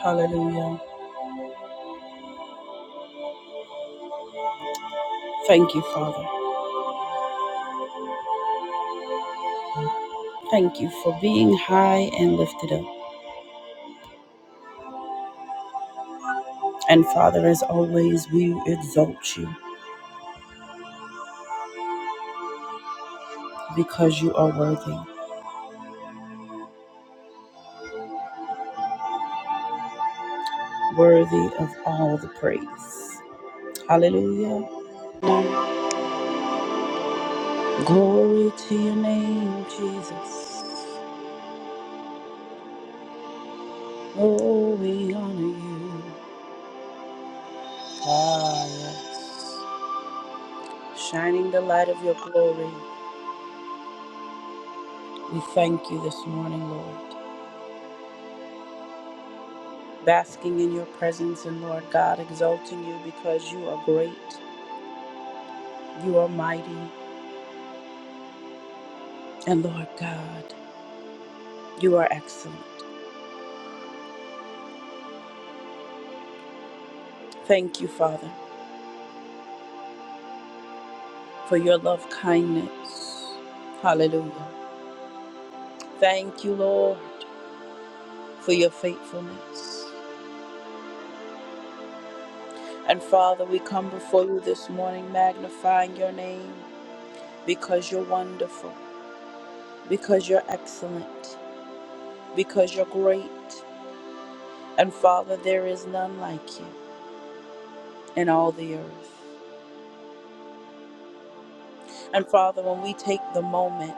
Hallelujah. Thank you, Father. Thank you for being high and lifted up. And Father, as always, we exalt you because you are worthy, worthy of all the praise. Hallelujah. Glory to your name, Jesus. Oh, we honor you. Ah, yes. Shining the light of your glory. We thank you this morning, Lord. basking in your presence, and Lord God, exalting you because you are great, you are mighty, and Lord God, you are excellent. Thank you, Father, for your love kindness. Hallelujah. Thank you, Lord, for your faithfulness. And Father, we come before you this morning magnifying your name because you're wonderful, because you're excellent, because you're great. And Father, there is none like you in all the earth. And Father, when we take the moment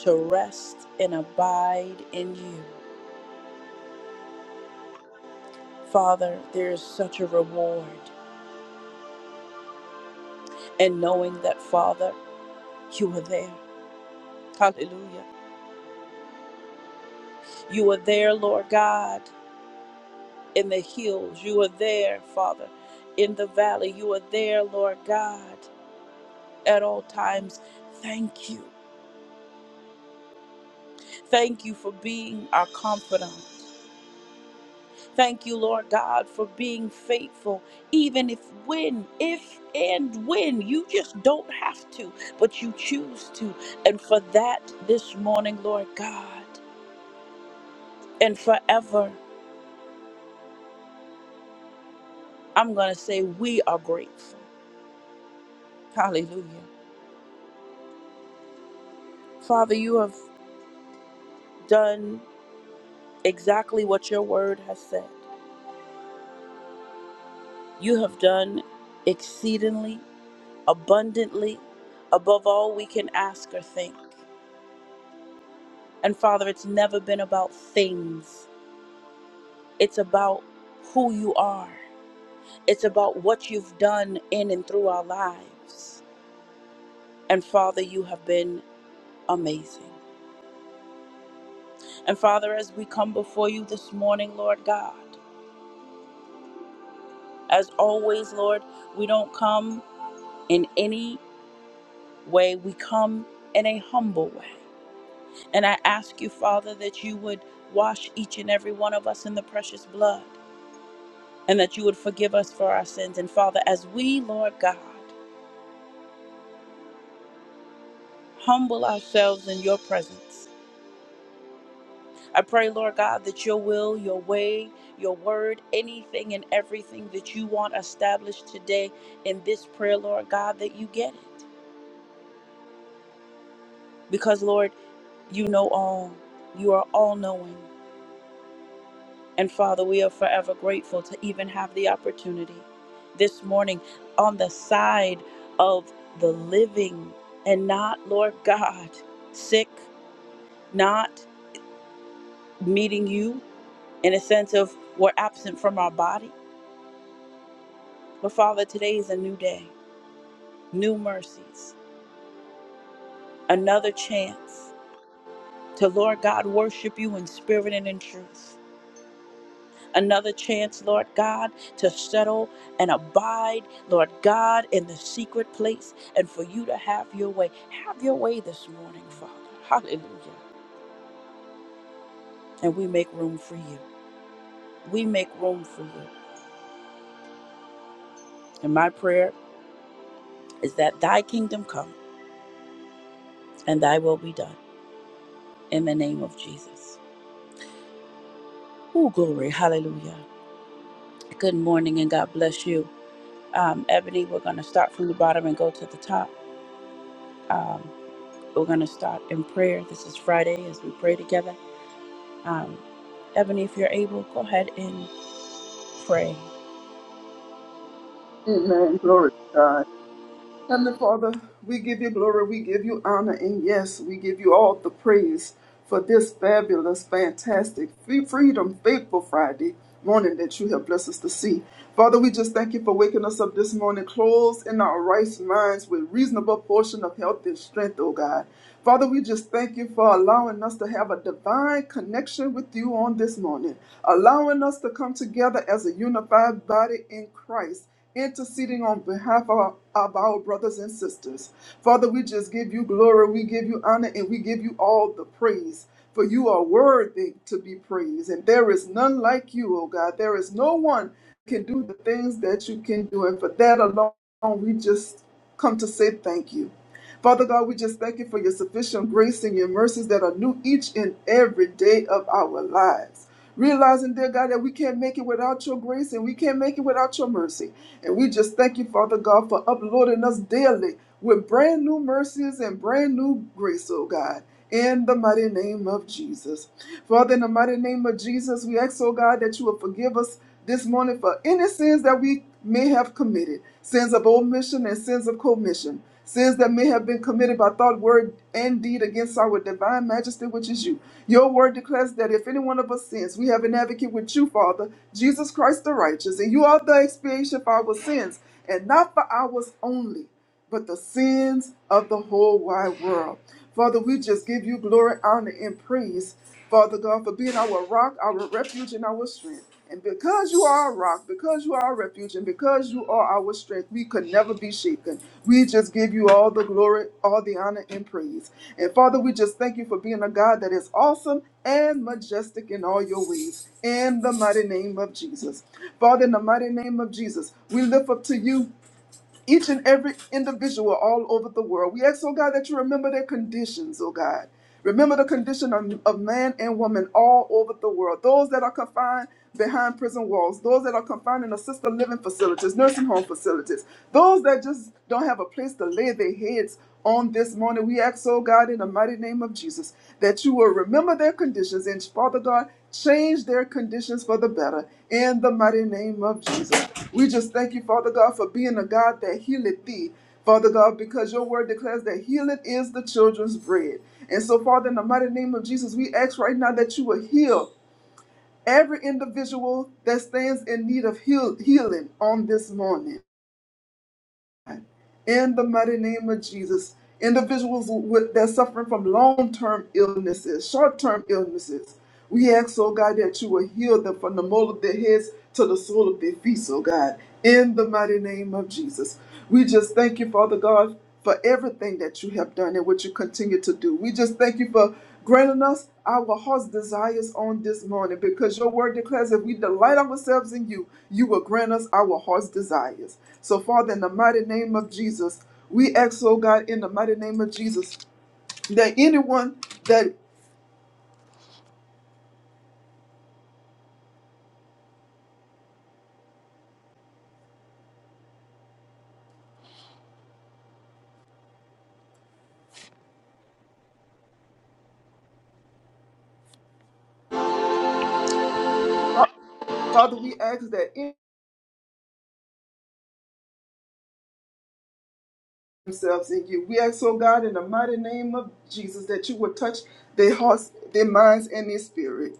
to rest and abide in you, Father, there is such a reward in knowing that, Father, you are there. Hallelujah. You are there, Lord God, in the hills. You are there, Father, in the valley. You are there, Lord God, at all times. Thank you. Thank you for being our confidant. Thank you, Lord God, for being faithful, even if when, if and when you just don't have to, but you choose to. And for that, this morning, Lord God, and forever, I'm going to say we are grateful. Hallelujah. Father, you have done exactly what your word has said. You have done exceedingly, abundantly, above all we can ask or think. And Father, it's never been about things. It's about who you are. It's about what you've done in and through our lives. And Father, you have been amazing. And Father, as we come before you this morning, Lord God, as always, Lord, we don't come in any way, we come in a humble way. And I ask you, Father, that you would wash each and every one of us in the precious blood and that you would forgive us for our sins. And Father, as we, Lord God, humble ourselves in your presence, I pray, Lord God, that your will, your way, your word, anything and everything that you want established today in this prayer, Lord God, that you get it. Because, Lord, you know all. You are all knowing. And Father, we are forever grateful to even have the opportunity this morning on the side of the living and not, Lord God, sick, not meeting you in a sense of we're absent from our body. But Father, today is a new day. new mercies, another chance to, Lord God, worship you in spirit and in truth. Another chance, Lord God, to settle and abide, Lord God, in the secret place and for you to have your way. Have your way this morning, Father. Hallelujah. And we make room for you. We make room for you. And my prayer is that thy kingdom come and thy will be done in the name of Jesus. Oh, glory. Hallelujah. Good morning and God bless you. Um, Ebony, we're going to start from the bottom and go to the top. Um, we're going to start in prayer. This is Friday as we pray together. Um, Ebony, if you're able, go ahead and pray. Amen. Glory to God. Heavenly Father, we give you glory, we give you honor, and yes, we give you all the praise for this fabulous, fantastic, free freedom, faithful Friday morning that you have blessed us to see. Father, we just thank you for waking us up this morning, clothed in our right minds with reasonable portion of health and strength, oh God. Father, we just thank you for allowing us to have a divine connection with you on this morning, allowing us to come together as a unified body in Christ interceding on behalf of our, of our brothers and sisters. Father, we just give you glory, we give you honor, and we give you all the praise. For you are worthy to be praised, and there is none like you, O God. There is no one can do the things that you can do, and for that alone, we just come to say thank you. Father God, we just thank you for your sufficient grace and your mercies that are new each and every day of our lives. Realizing, dear God, that we can't make it without your grace and we can't make it without your mercy. And we just thank you, Father God, for uploading us daily with brand new mercies and brand new grace, oh God. In the mighty name of Jesus. Father, in the mighty name of Jesus, we ask, oh God, that you will forgive us this morning for any sins that we may have committed sins of omission and sins of commission, sins that may have been committed by thought, word, and deed against our divine majesty, which is you. Your word declares that if any one of us sins, we have an advocate with you, Father, Jesus Christ the righteous, and you are the expiation for our sins, and not for ours only but the sins of the whole wide world. Father, we just give you glory, honor, and praise, Father God, for being our rock, our refuge, and our strength. And because you are our rock, because you are our refuge, and because you are our strength, we could never be shaken. We just give you all the glory, all the honor, and praise. And Father, we just thank you for being a God that is awesome and majestic in all your ways. In the mighty name of Jesus. Father, in the mighty name of Jesus, we lift up to you each and every individual all over the world. We ask, oh God, that you remember their conditions, oh God. Remember the condition of, of man and woman all over the world. Those that are confined behind prison walls, those that are confined in assisted living facilities, nursing home facilities, those that just don't have a place to lay their heads on this morning. We ask, oh God, in the mighty name of Jesus, that you will remember their conditions. And Father God, change their conditions for the better in the mighty name of Jesus. We just thank you, Father God, for being a God that healeth thee, Father God, because your word declares that healing is the children's bread. And so, Father, in the mighty name of Jesus, we ask right now that you will heal every individual that stands in need of heal- healing on this morning in the mighty name of Jesus. Individuals with, that suffering from long term illnesses, short term illnesses, we ask, oh God, that you will heal them from the mole of their heads to the sole of their feet, oh God, in the mighty name of Jesus. We just thank you, Father God for everything that you have done and what you continue to do. We just thank you for granting us our heart's desires on this morning because your word declares if we delight ourselves in you, you will grant us our heart's desires. So, Father, in the mighty name of Jesus, we ask, oh God, in the mighty name of Jesus, that anyone that Father, we ask that themselves in you. We ask, oh God, in the mighty name of Jesus, that you would touch their hearts, their minds, and their spirit.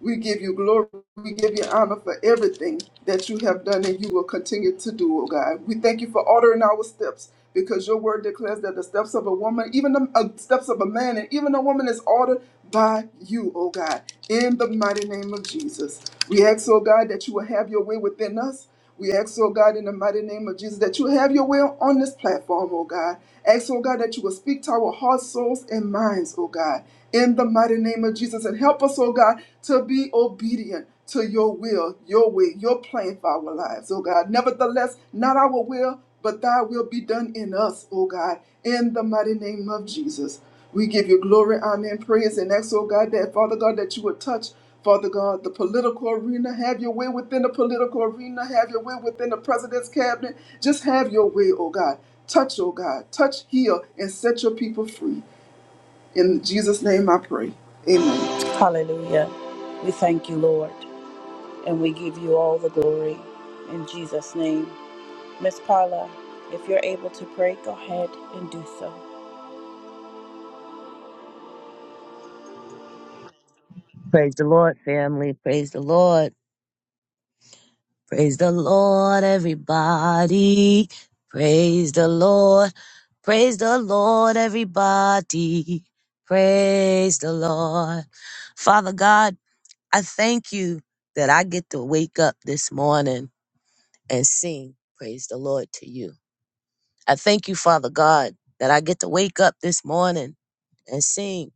We give you glory. We give you honor for everything that you have done and you will continue to do, oh God. We thank you for ordering our steps because your word declares that the steps of a woman, even the uh, steps of a man, and even a woman is ordered by you, oh God, in the mighty name of Jesus. We ask, oh God, that you will have your way within us. We ask, oh God, in the mighty name of Jesus, that you have your will on this platform, oh God. Ask, oh God, that you will speak to our hearts, souls, and minds, oh God, in the mighty name of Jesus. And help us, oh God, to be obedient to your will, your way, your plan for our lives, oh God. Nevertheless, not our will, but thy will be done in us, oh God, in the mighty name of Jesus. We give you glory, honor, and praise, and ask, oh God, that Father God, that you would touch, Father God, the political arena. Have your way within the political arena. Have your way within the president's cabinet. Just have your way, oh God. Touch, oh God. Touch, heal, and set your people free. In Jesus' name I pray. Amen. Hallelujah. We thank you, Lord, and we give you all the glory in Jesus' name. Miss Paula, if you're able to pray, go ahead and do so. Praise the Lord, family. Praise the Lord. Praise the Lord, everybody. Praise the Lord. Praise the Lord, everybody. Praise the Lord. Father God, I thank you that I get to wake up this morning and sing praise the Lord to you. I thank you, Father God, that I get to wake up this morning and sing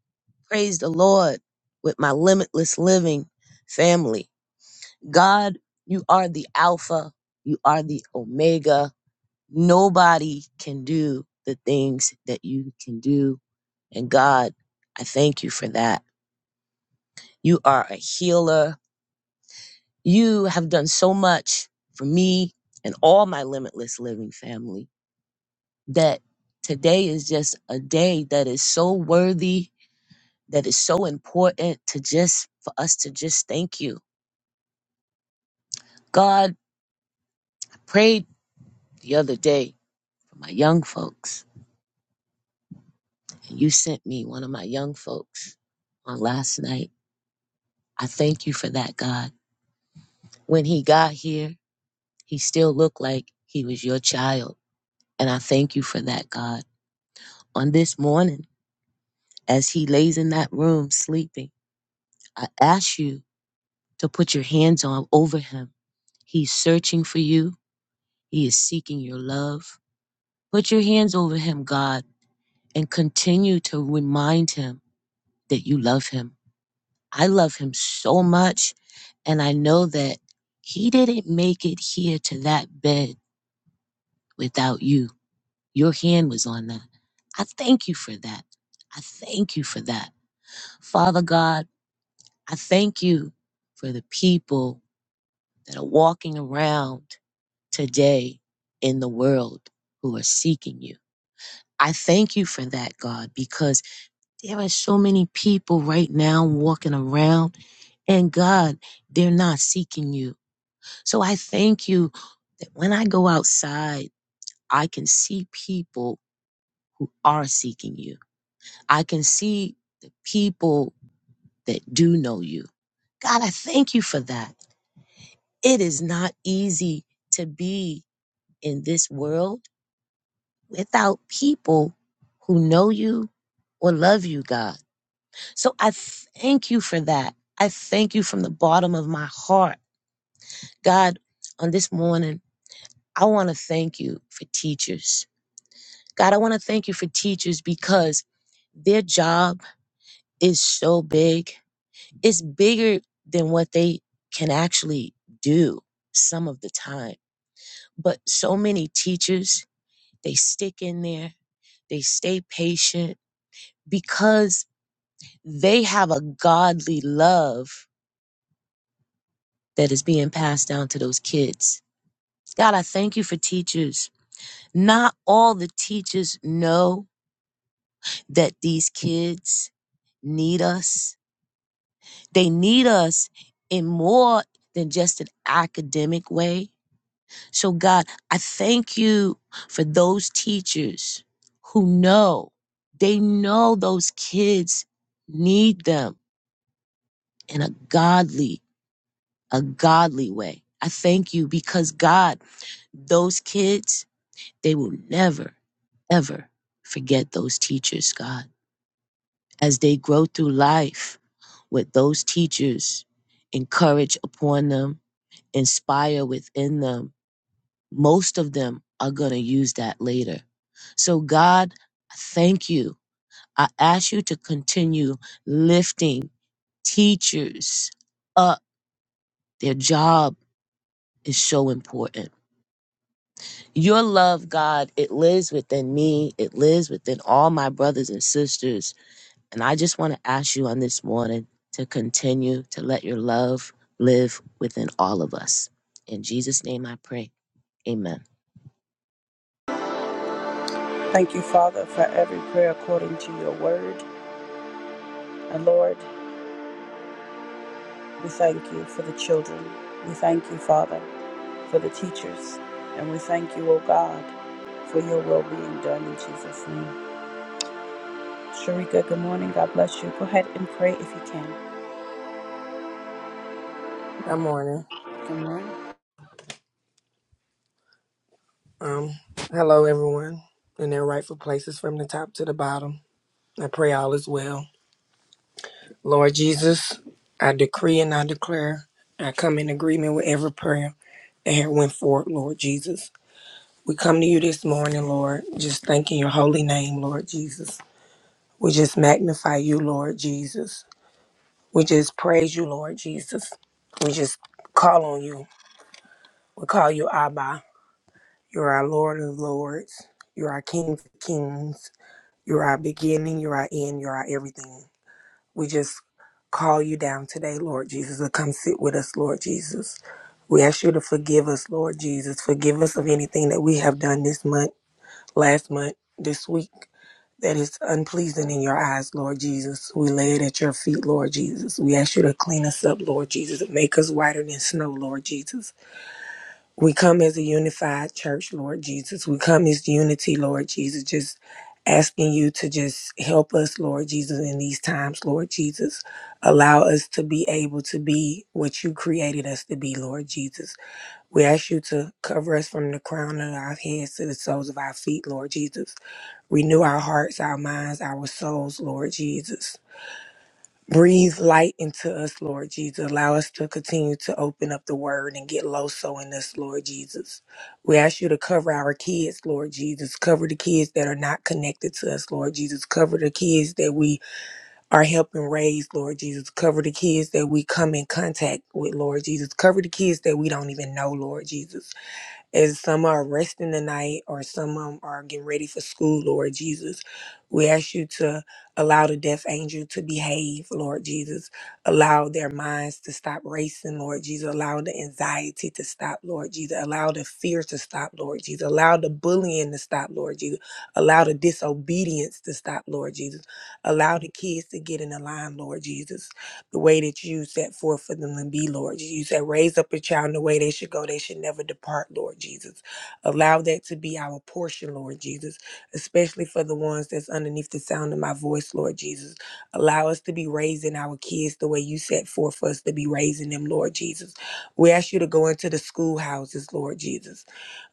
praise the Lord with my limitless living family. God, you are the Alpha, you are the Omega. Nobody can do the things that you can do. And God, I thank you for that. You are a healer. You have done so much for me and all my limitless living family that today is just a day that is so worthy, that is so important to just for us to just thank you. God, I prayed the other day for my young folks And You sent me one of my young folks on last night. I thank you for that, God. When he got here, he still looked like he was your child. And I thank you for that, God. On this morning, as he lays in that room sleeping, I ask you to put your hands on over him. He's searching for you. He is seeking your love. Put your hands over him, God, and continue to remind him that you love him I love him so much. And I know that he didn't make it here to that bed without you. Your hand was on that. I thank you for that. I thank you for that. Father God, I thank you for the people that are walking around today in the world who are seeking you. I thank you for that, God, because there are so many people right now walking around, and God, they're not seeking you So I thank you that when I go outside, I can see people who are seeking you. I can see the people that do know you. God, I thank you for that. It is not easy to be in this world without people who know you or love you, God. So I thank you for that. I thank you from the bottom of my heart. God, on this morning, I want to thank you for teachers. God, I want to thank you for teachers because their job is so big. It's bigger than what they can actually do some of the time. But so many teachers, they stick in there, they stay patient because they have a godly love that is being passed down to those kids. God, I thank you for teachers. Not all the teachers know that these kids need us They need us in more than just an academic way. So, God, I thank you for those teachers who know, they know those kids need them in a godly, a godly way. I thank you because, God, those kids, they will never, ever forget those teachers, God. As they grow through life what those teachers, encourage upon them inspire within them, most of them are going to use that later. So, God, thank you. I ask you to continue lifting teachers up. Their job is so important. Your love, God, it lives within me, it lives within all my brothers and sisters. And I just want to ask you on this morning to continue to let your love live within all of us. In Jesus' name I pray. Amen. Thank you, Father, for every prayer according to your word. And Lord, we thank you for the children. We thank you, Father. for the teachers. And we thank you, O God, for your will being done in Jesus' name. Sharika, good morning. God bless you. Go ahead and pray if you can. Good morning. Good morning. Um, hello, everyone, in their rightful places from the top to the bottom. I pray all is well. Lord Jesus, I decree and I declare, I come in agreement with every prayer that had went forth, Lord Jesus. We come to you this morning, Lord, just thanking your holy name, Lord Jesus. We just magnify you, Lord Jesus. We just praise you, Lord Jesus. We just call on you. We call you Abba. You're our Lord of Lords. You're our King of Kings. You're our beginning, you're our end, you're our everything. We just call you down today, Lord Jesus, to come sit with us, Lord Jesus. We ask you to forgive us, Lord Jesus. Forgive us of anything that we have done this month, last month, this week that is unpleasing in your eyes, Lord Jesus. We lay it at your feet, Lord Jesus. We ask you to clean us up, Lord Jesus, and make us whiter than snow, Lord Jesus. We come as a unified church, Lord Jesus. We come as unity, Lord Jesus, just asking you to just help us, Lord Jesus, in these times, Lord Jesus. Allow us to be able to be what you created us to be, Lord Jesus. We ask you to cover us from the crown of our heads to the soles of our feet, Lord Jesus. Renew our hearts, our minds, our souls, Lord Jesus. Breathe light into us, Lord Jesus. Allow us to continue to open up the word and get loso in us, Lord Jesus. We ask you to cover our kids, Lord Jesus. Cover the kids that are not connected to us, Lord Jesus. Cover the kids that we are helping raise, Lord Jesus. Cover the kids that we come in contact with, Lord Jesus. Cover the kids that we don't even know, Lord Jesus. As some are resting tonight or some um, are getting ready for school, Lord Jesus, we ask you to allow the deaf angel to behave, Lord Jesus. Allow their minds to stop racing, Lord Jesus. Allow the anxiety to stop, Lord Jesus. Allow the fear to stop, Lord Jesus. Allow the bullying to stop, Lord Jesus. Allow the disobedience to stop, Lord Jesus. Allow the kids to get in the line, Lord Jesus the way that you set forth for them to be, Lord. You said, raise up a child in the way they should go. They should never depart, Lord Jesus. Allow that to be our portion, Lord Jesus, especially for the ones that's underneath the sound of my voice, Lord Jesus. Allow us to be raising our kids the way you set forth for us to be raising them, Lord Jesus. We ask you to go into the schoolhouses, Lord Jesus.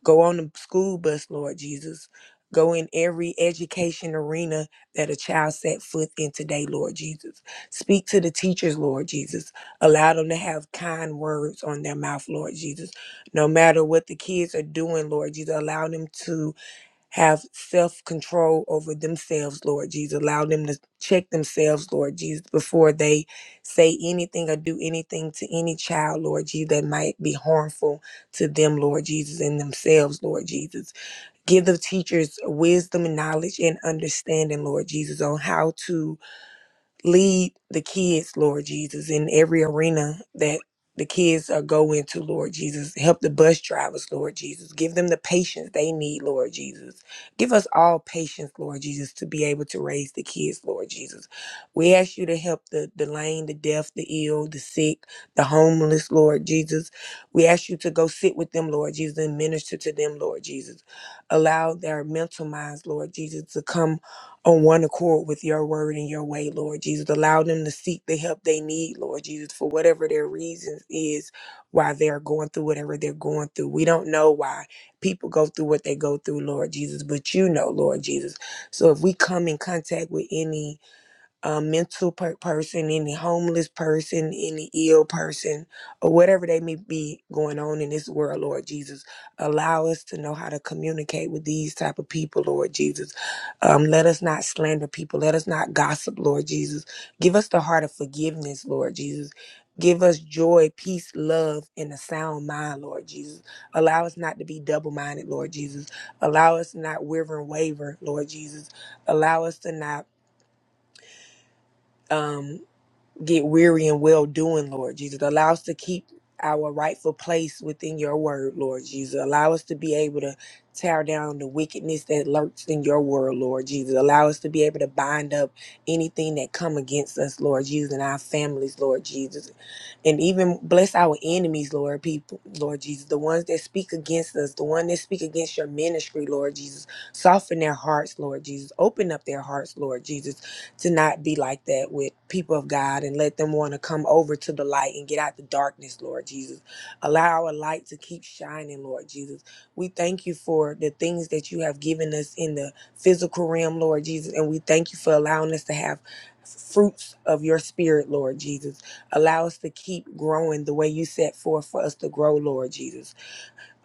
Go on the school bus, Lord Jesus. Go in every education arena that a child set foot in today, Lord Jesus. Speak to the teachers, Lord Jesus. Allow them to have kind words on their mouth, Lord Jesus. No matter what the kids are doing, Lord Jesus, allow them to have self control over themselves, Lord Jesus. Allow them to check themselves, Lord Jesus, before they say anything or do anything to any child, Lord Jesus, that might be harmful to them, Lord Jesus, and themselves, Lord Jesus. Give the teachers wisdom and knowledge and understanding, Lord Jesus, on how to Lead the kids, Lord Jesus, in every arena that the kids are go into, Lord Jesus. Help the bus drivers, Lord Jesus. Give them the patience they need, Lord Jesus. Give us all patience, Lord Jesus, to be able to raise the kids, Lord Jesus. We ask you to help the, the lame, the deaf, the ill, the sick, the homeless, Lord Jesus. We ask you to go sit with them, Lord Jesus, and minister to them, Lord Jesus. Allow their mental minds, Lord Jesus, to come on one accord with your word and your way, Lord Jesus. Allow them to seek the help they need, Lord Jesus, for whatever their reasons is why they're going through whatever they're going through. We don't know why people go through what they go through, Lord Jesus, but you know, Lord Jesus. So if we come in contact with any a mental per- person, any homeless person, any ill person, or whatever they may be going on in this world, Lord Jesus. Allow us to know how to communicate with these type of people, Lord Jesus. Um, let us not slander people. Let us not gossip, Lord Jesus. Give us the heart of forgiveness, Lord Jesus. Give us joy, peace, love, and a sound mind, Lord Jesus. Allow us not to be double minded, Lord Jesus. Allow us not waver and waver, Lord Jesus. Allow us to not. Um, get weary in well doing, Lord Jesus. Allow us to keep our rightful place within your word, Lord Jesus. Allow us to be able to tear down the wickedness that lurks in your word, Lord Jesus. Allow us to be able to bind up anything that come against us, Lord Jesus, and our families, Lord Jesus and even bless our enemies, Lord, people, Lord Jesus, the ones that speak against us, the one that speak against your ministry, Lord Jesus, soften their hearts, Lord Jesus, open up their hearts, Lord Jesus, to not be like that with people of God, and let them want to come over to the light and get out the darkness, Lord Jesus. Allow our light to keep shining, Lord Jesus. We thank you for the things that you have given us in the physical realm, Lord Jesus, and we thank you for allowing us to have fruits of your spirit, Lord Jesus. Allow us to keep growing the way you set forth for us to grow, Lord Jesus.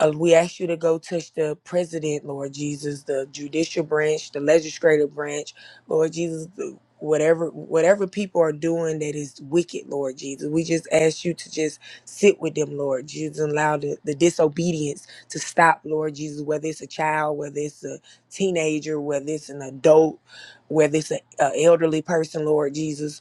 Uh, we ask you to go touch the president, Lord Jesus, the judicial branch, the legislative branch, Lord Jesus. the- Whatever whatever people are doing that is wicked, Lord Jesus, we just ask you to just sit with them, Lord Jesus, and allow the, the disobedience to stop, Lord Jesus. Whether it's a child, whether it's a teenager, whether it's an adult, whether it's an elderly person, Lord Jesus,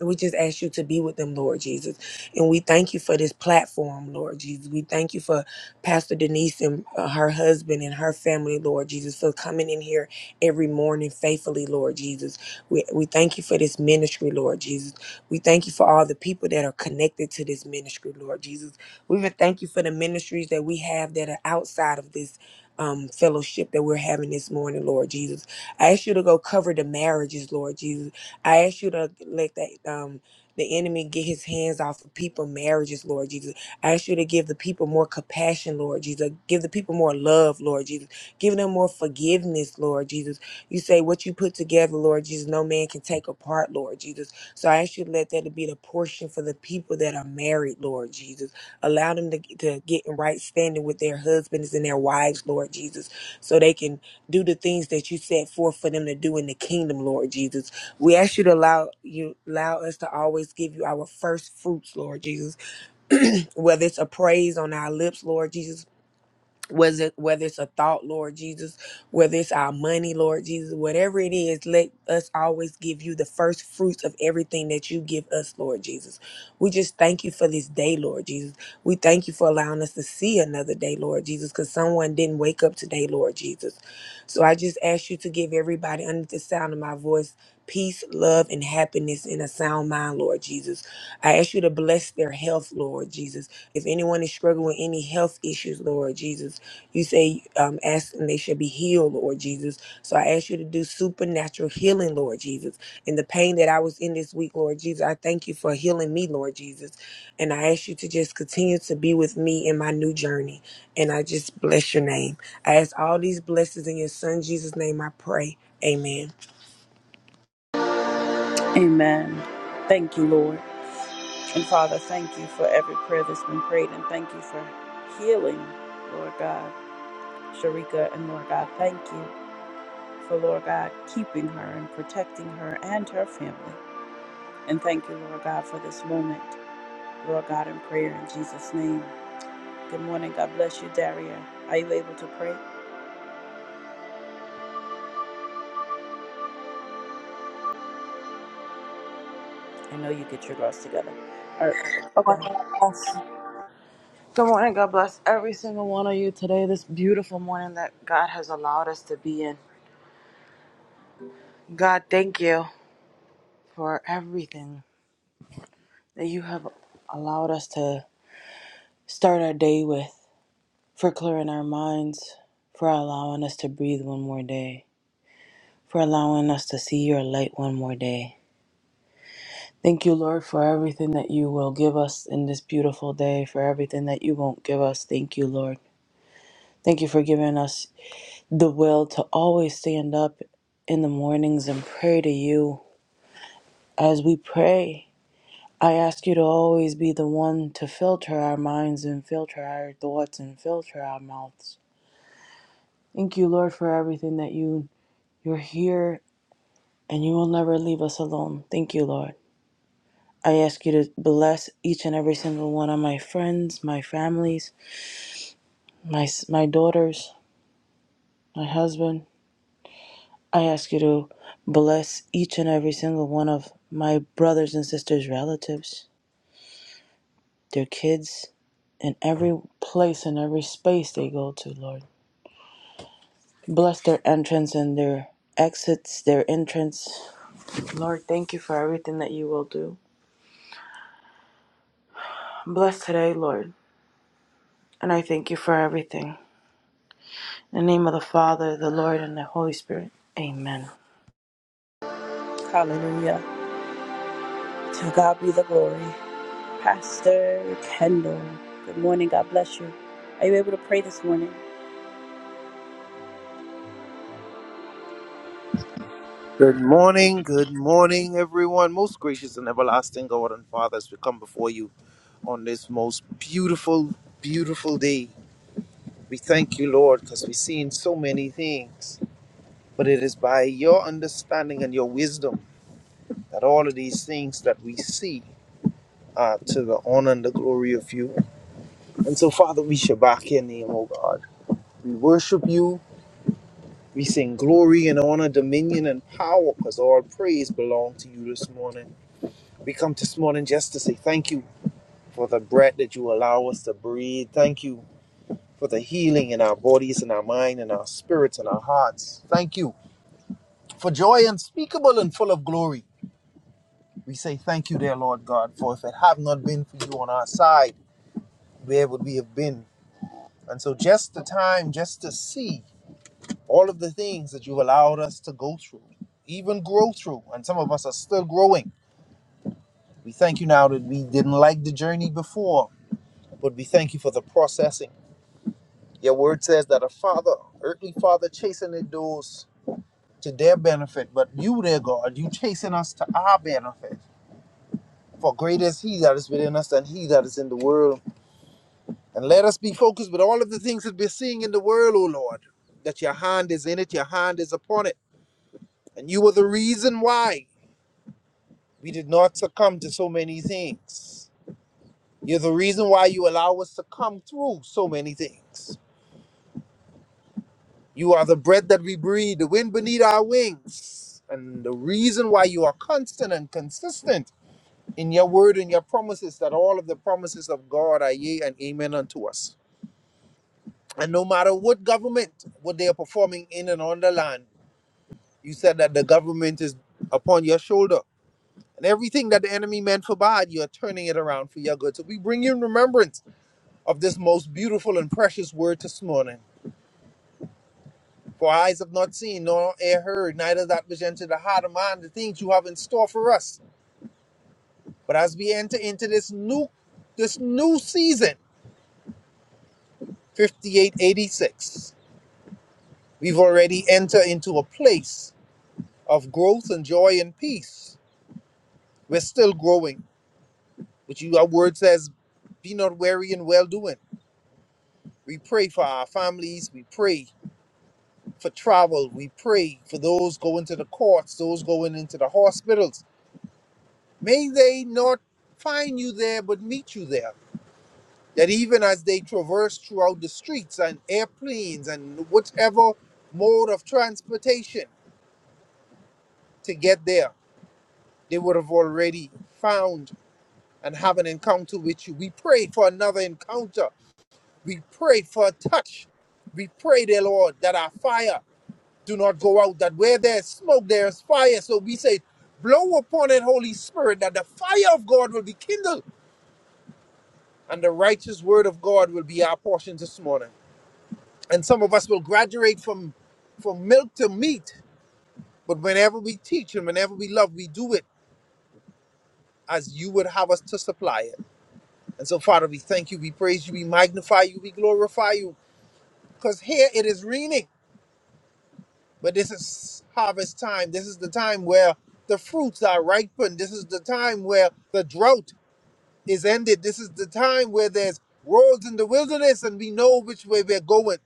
we just ask you to be with them, Lord Jesus. And we thank you for this platform, Lord Jesus. We thank you for Pastor Denise and uh, her husband and her family, Lord Jesus, for coming in here every morning faithfully, Lord Jesus. We, we thank you for this ministry, Lord Jesus. We thank you for all the people that are connected to this ministry, Lord Jesus. We even thank you for the ministries that we have that are outside of this. Um, fellowship that we're having this morning, Lord Jesus. I ask you to go cover the marriages, Lord Jesus I ask you to let that um the enemy get his hands off of people marriages, Lord Jesus. I ask you to give the people more compassion, Lord Jesus. Give the people more love, Lord Jesus. Give them more forgiveness, Lord Jesus. You say what you put together, Lord Jesus, no man can take apart, Lord Jesus. So I ask you to let that be the portion for the people that are married, Lord Jesus. Allow them to, to get in right standing with their husbands and their wives, Lord Jesus, so they can do the things that you set forth for them to do in the kingdom, Lord Jesus we ask you to allow you allow us to always give you our first fruits, Lord Jesus. Whether it's a praise on our lips, Lord Jesus, was it whether it's a thought lord jesus whether it's our money lord jesus whatever it is let us always give you the first fruits of everything that you give us lord jesus we just thank you for this day lord jesus we thank you for allowing us to see another day lord jesus because someone didn't wake up today lord jesus so i just ask you to give everybody under the sound of my voice peace love and happiness in a sound mind lord jesus i ask you to bless their health lord jesus if anyone is struggling with any health issues lord jesus you say, um, ask and they shall be healed, Lord Jesus. So I ask you to do supernatural healing, Lord Jesus. And the pain that I was in this week, Lord Jesus, I thank you for healing me, Lord Jesus. And I ask you to just continue to be with me in my new journey. And I just bless your name. I ask all these blessings in your son Jesus' name I pray. Amen. Amen. Thank you, Lord. And Father, thank you for every prayer that's been prayed and thank you for healing, Lord God, Sharika. And Lord God, thank you for, Lord God, keeping her and protecting her and her family. And thank you, Lord God, for this moment, Lord God, in prayer in Jesus' name. Good morning. God bless you, Daria. Are you able to pray? I know you get your girls together. All right. Okay. morning, God bless. Good morning, God bless every single one of you today, this beautiful morning that God has allowed us to be in. God, thank you for everything that you have allowed us to start our day with, for clearing our minds, for allowing us to breathe one more day, for allowing us to see your light one more day. Thank you, Lord, for everything that you will give us in this beautiful day, for everything that you won't give us. Thank you, Lord. Thank you for giving us the will to always stand up in the mornings and pray to you. As we pray, I ask you to always be the one to filter our minds and filter our thoughts and filter our mouths. Thank you, Lord, for everything that you you're here and you will never leave us alone. Thank you, Lord. I ask you to bless each and every single one of my friends, my families, my s- my daughters, my husband, I ask you to bless each and every single one of my brothers and sisters' relatives, their kids, and every place and every space they go to, Lord. Bless their entrance and their exits, their entrance. Lord, thank you for everything that you will do. Bless today, Lord, and I thank you for everything. In the name of the Father, the Lord, and the Holy Spirit. Amen. Hallelujah. To God be the glory. Pastor Kendall. Good morning. God bless you. Are you able to pray this morning? Good morning, good morning, everyone. Most gracious and everlasting God and Father, as we come before you on this most beautiful, beautiful day, we thank you, Lord, because we've seen so many things. But it is by your understanding and your wisdom that all of these things that we see are to the honor and the glory of you. And so, Father, we shall back your name, O God. We worship you. We sing glory and honor, dominion and power, because all praise belong to you this morning. We come this morning just to say thank you for the breath that you allow us to breathe. Thank you for the healing in our bodies and our mind and our spirits and our hearts. Thank you for joy unspeakable and full of glory. We say thank you, dear Lord God, for if it have not been for you on our side, where would we have been? And so, just the time, just to see all of the things that you've allowed us to go through, even grow through, and some of us are still growing. We thank you now that we didn't like the journey before, but we thank you for the processing. Your word says that a father, earthly father, chasing the dudes to their benefit, but you, dear God, you chasing us to our benefit. For greater is He that is within us than He that is in the world. And let us be focused with all of the things that we're seeing in the world, O Lord, that your hand is in it, your hand is upon it. And you are the reason why we did not succumb to so many things. You're the reason why you allow us to come through so many things. You are the breath that we breathe, the wind beneath our wings. And the reason why you are constant and consistent in your word and your promises, that all of the promises of God are yea and amen unto us. And no matter what government, what they are performing in and on the land, you said that the government is upon your shoulder. And everything that the enemy meant for bad, you are turning it around for your good. So we bring you in remembrance of this most beautiful and precious word this morning. For eyes have not seen, nor ear heard, neither that which entered the heart of man, the things you have in store for us. But as we enter into this new this new season, 5886, we've already entered into a place of growth and joy and peace. We're still growing, which you, our word says, be not weary in well doing. We pray for our families, we pray for travel, we pray for those going to the courts, those going into the hospitals. May they not find you there, but meet you there. That even as they traverse throughout the streets and airplanes and whatever mode of transportation to get there, they would have already found and have an encounter with you. We prayed for another encounter. We prayed for a touch. We pray, dear Lord, that our fire do not go out, that where there's smoke, there's fire. So we say, blow upon it, Holy Spirit, that the fire of God will be kindled and the righteous word of God will be our portion this morning. And some of us will graduate from from milk to meat, but whenever we teach and whenever we love, we do it as you would have us to supply it. And so, Father, we thank you, we praise you, we magnify you, we glorify you, because here it is raining, but this is harvest time. This is the time where the fruits are ripened. This is the time where the drought is ended. This is the time where there's roads in the wilderness, and we know which way we're going.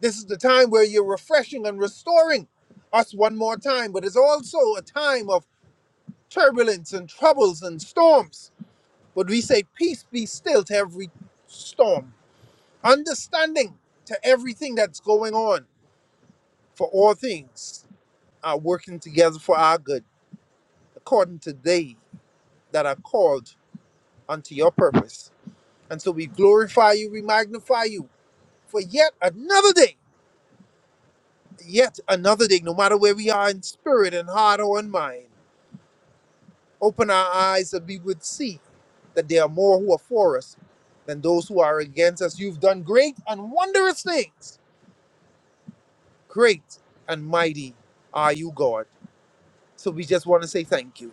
This is the time where you're refreshing and restoring us one more time, but it's also a time of turbulence and troubles and storms. But we say, Peace be still to every storm, understanding to everything that's going on, for all things are working together for our good, according to they that are called unto your purpose. And so we glorify you, we magnify you for yet another day, yet another day, no matter where we are in spirit and heart or in mind. Open our eyes that we would see that there are more who are for us than those who are against us. You've done great and wondrous things. Great and mighty are you, God. So we just want to say thank you.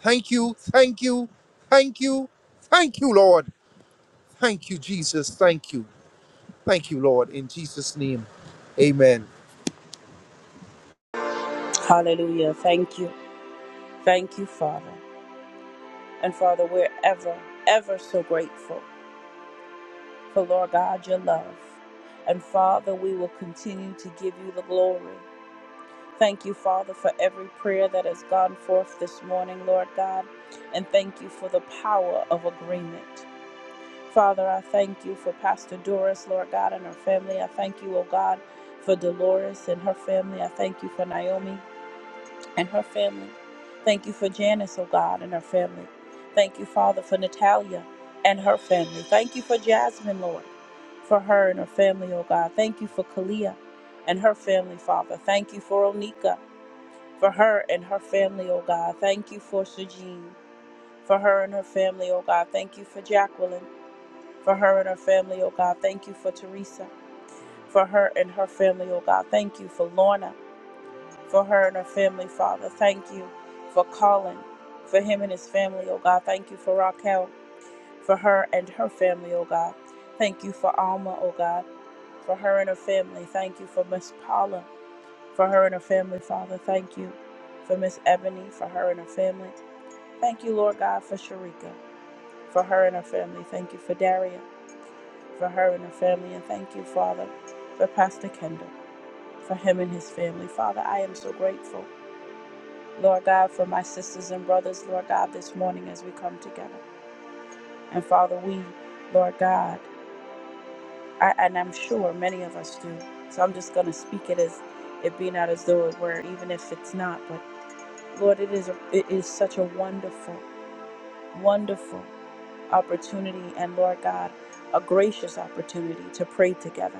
Thank you, thank you, thank you, thank you, Lord. Thank you, Jesus. Thank you. Thank you, Lord. In Jesus' name, amen. Hallelujah. Thank you. Thank you, Father. And Father, we're ever, ever so grateful for Lord God, your love. And Father, we will continue to give you the glory. Thank you, Father, for every prayer that has gone forth this morning, Lord God, and thank you for the power of agreement. Father, I thank you for Pastor Doris, Lord God, and her family. I thank you, oh God, for Dolores and her family. I thank you for Naomi and her family. Thank you for Janice, oh God, and her family. Thank you, Father, for Natalia and her family. Thank you for Jasmine, Lord, for her and her family, oh God. Thank you for Kalia and her family, Father. Thank you for Onika for her and her family, oh God. Thank you for Sujeen, for her and her family, oh God. Thank you for Jacqueline, for her and her family, oh God. Thank you for Teresa, for her and her family, oh God. Thank you for Lorna, for her and her family, Father. Thank you for Colin, for him and his family, oh God. Thank you for Raquel, for her and her family, oh God. Thank you for Alma, oh God, for her and her family. Thank you for Miss Paula, for her and her family, Father. Thank you for Miss Ebony, for her and her family. Thank you, Lord God, for Sharika, for her and her family. Thank you for Daria, for her and her family. And thank you, Father, for Pastor Kendall, for him and his family. Father, I am so grateful, Lord God, for my sisters and brothers, Lord God, this morning as we come together. And Father, we, Lord God, I, and I'm sure many of us do. So I'm just going to speak it as it be not as though it were, even if it's not. But Lord, it is, it is such a wonderful, wonderful. opportunity and Lord God, a gracious opportunity to pray together.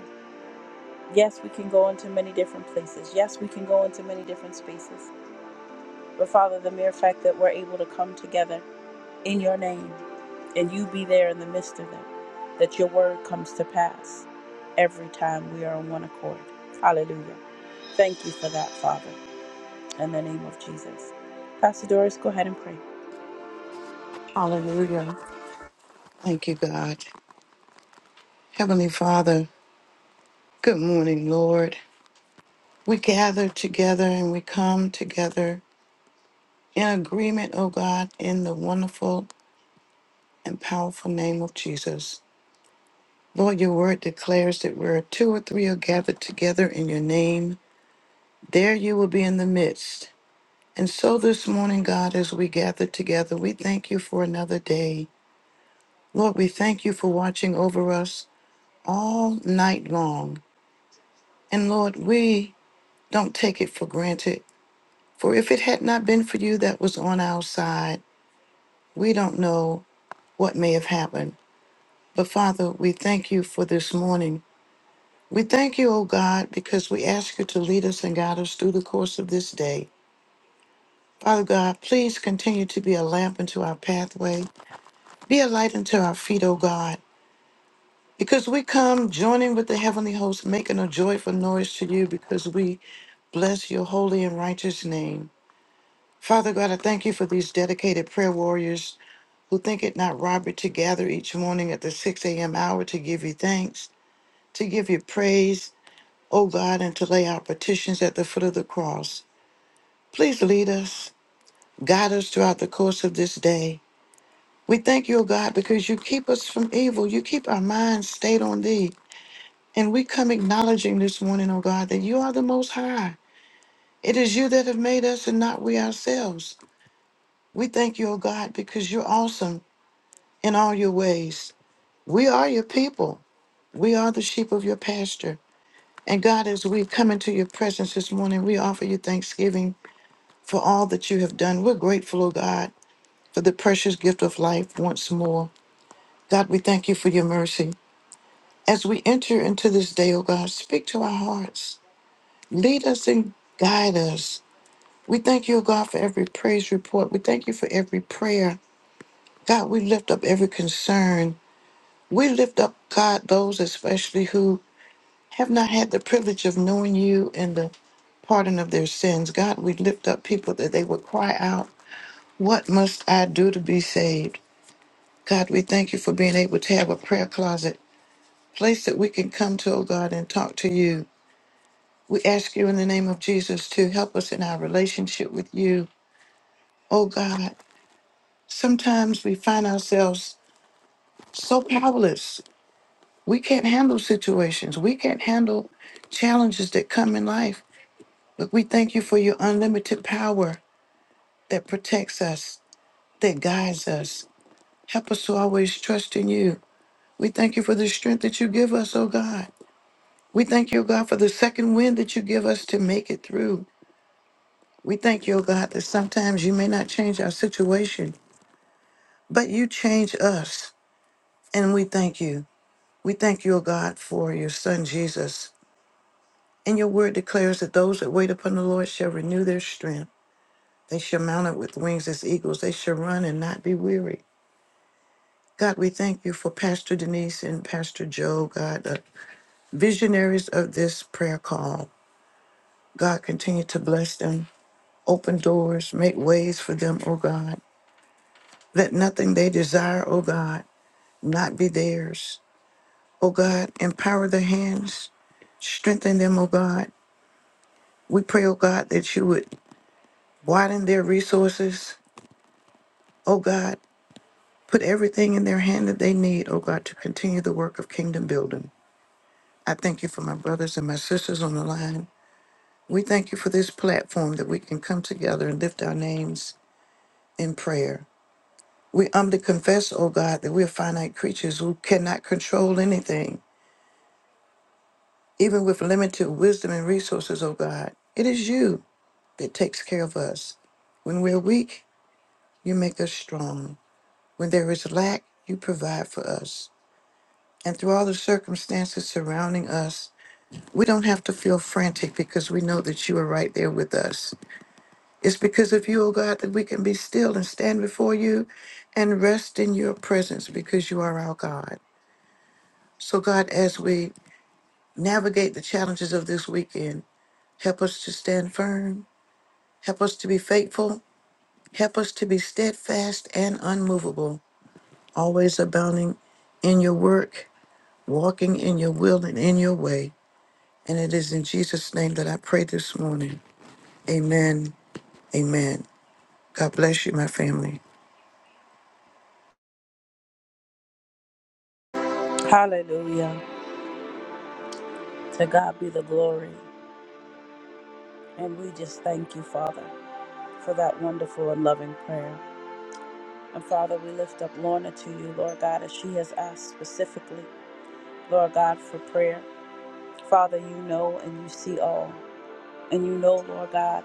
Yes, we can go into many different places. Yes, we can go into many different spaces. But Father, the mere fact that we're able to come together in your name and you be there in the midst of them, that your word comes to pass every time we are on one accord. Hallelujah. Thank you for that, Father, in the name of Jesus. Pastor Doris, go ahead and pray. Hallelujah. Thank you, God. Heavenly Father, good morning, Lord. We gather together and we come together in agreement, oh God, in the wonderful and powerful name of Jesus. Lord, your word declares that where two or three are gathered together in your name, there you will be in the midst. And so this morning, God, as we gather together, we thank you for another day. Lord, we thank you for watching over us all night long. And Lord, we Don't take it for granted. For if it had not been for you that was on our side, we don't know what may have happened. But Father, we thank you for this morning. We thank you, O God, because we ask you to lead us and guide us through the course of this day. Father God, please continue to be a lamp unto our pathway, be a light unto our feet, O God. Because we come joining with the heavenly host, making a joyful noise to you because we bless your holy and righteous name. Father God, I thank you for these dedicated prayer warriors who think it not robbery to gather each morning at the 6 a.m. hour to give you thanks, to give you praise, O God, and to lay our petitions at the foot of the cross. Please lead us, guide us throughout the course of this day. We thank you, O God, because you keep us from evil. You keep our minds stayed on thee. And we come acknowledging this morning, O God, that you are the most high. It is you that have made us and not we ourselves. We thank you, O God, because you're awesome. in all your ways. We are your people. We are the sheep of your pasture. And God, as we come into your presence this morning, we offer you thanksgiving for all that you have done. We're grateful, oh God, for the precious gift of life once more. God, we thank you for your mercy. As we enter into this day, oh God, speak to our hearts. Lead us and guide us. We thank you, oh God, for every praise report. We thank you for every prayer. God, we lift up every concern. We lift up, God, those especially who have not had the privilege of knowing you and the pardon of their sins. God, we lift up people that they would cry out, What must I do to be saved? God, we thank you for being able to have a prayer closet, place that we can come to, oh God, and talk to you. We ask you in the name of Jesus to help us in our relationship with you. Oh God, sometimes we find ourselves so powerless. We can't handle situations. We can't handle challenges that come in life. But we thank you for your unlimited power that protects us, that guides us. Help us to always trust in you. We thank you for the strength that you give us, oh God. We thank you, oh God, for the second wind that you give us to make it through. We thank you, oh God, that sometimes you may not change our situation, but you change us. And we thank you. We thank you, O God, for your son Jesus. And your word declares that those that wait upon the Lord shall renew their strength. They shall mount up with wings as eagles. They shall run and not be weary. God, we thank you for Pastor Denise and Pastor Joe, God, the visionaries of this prayer call. God, continue to bless them, open doors, make ways for them, oh God. Let nothing they desire, oh God, not be theirs. Oh God, empower their hands, strengthen them, oh God. We pray, oh God, that you would widen their resources, oh God. Put everything in their hand that they need, oh God, to continue the work of kingdom building. I thank you for my brothers and my sisters on the line. We thank you for this platform that we can come together and lift our names in prayer. We humbly confess, O God, that we are finite creatures who cannot control anything, even with limited wisdom and resources, O God. It is you that takes care of us. When we're weak, you make us strong. When there is lack, you provide for us. And through all the circumstances surrounding us, we don't have to feel frantic because we know that you are right there with us. It's because of you, O God, that we can be still and stand before you and rest in your presence because you are our God. So, God, as we navigate the challenges of this weekend, help us to stand firm, help us to be faithful, help us to be steadfast and unmovable, always abounding in your work, walking in your will and in your way. And it is in Jesus' name that I pray this morning. Amen. Amen. God bless you, my family. Hallelujah. To God be the glory. And we just thank you, Father. for that wonderful and loving prayer. And Father, we lift up Lorna to you, Lord God, as she has asked specifically, Lord God, for prayer. Father, you know and you see all. And you know, Lord God,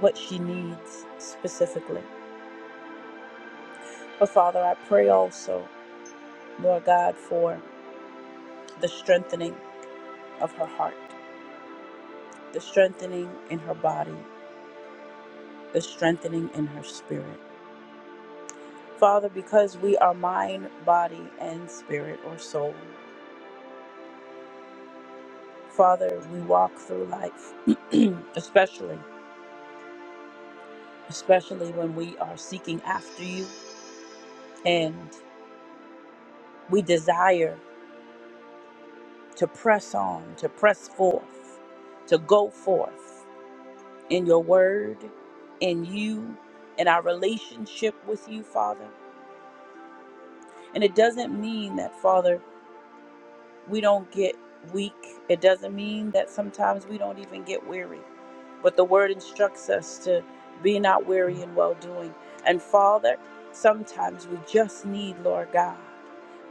what she needs specifically. But Father, I pray also, Lord God, for the strengthening of her heart, the strengthening in her body, the strengthening in her spirit. Father, because we are mind, body, and spirit or soul. Father, we walk through life, especially, especially when we are seeking after you and we desire to press on, to press forth, to go forth in your word, in you, in our relationship with you, Father. And it doesn't mean that, Father, we don't get weak. It doesn't mean that sometimes we don't even get weary. But the word instructs us to be not weary in well doing. And Father, sometimes we just need, Lord God,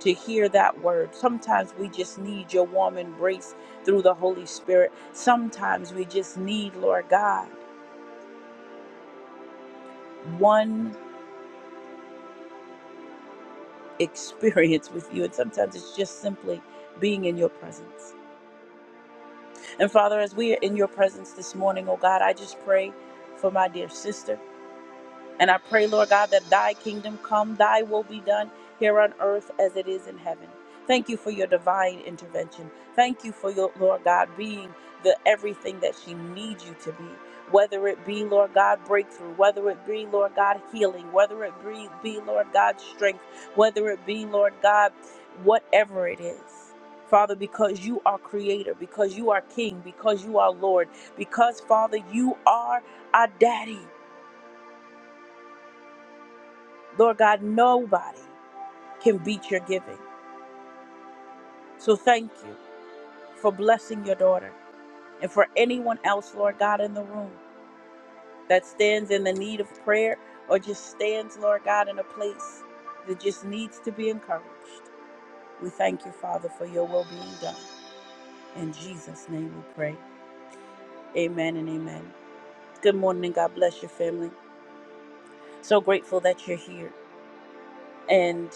to hear that word. Sometimes we just need your warm embrace through the Holy Spirit. Sometimes we just need, Lord God, one experience with you. And sometimes it's just simply being in your presence. And Father, as we are in your presence this morning, oh God, I just pray for my dear sister. And I pray, Lord God, that thy kingdom come, thy will be done here on earth as it is in heaven. Thank you for your divine intervention. Thank you for your, Lord God, being the everything that she needs you to be. Whether it be, Lord God, breakthrough, whether it be, Lord God, healing, whether it be, be Lord God, strength, whether it be, Lord God, whatever it is. Father, because you are creator, because you are king, because you are Lord, because, Father, you are our daddy. Lord God, nobody can beat your giving. So thank you for blessing your daughter and for anyone else, Lord God, in the room that stands in the need of prayer or just stands, Lord God, in a place that just needs to be encouraged. We thank you, Father, for your will being done. In Jesus' name we pray. Amen and amen. Good morning and God bless your family. So grateful that you're here. And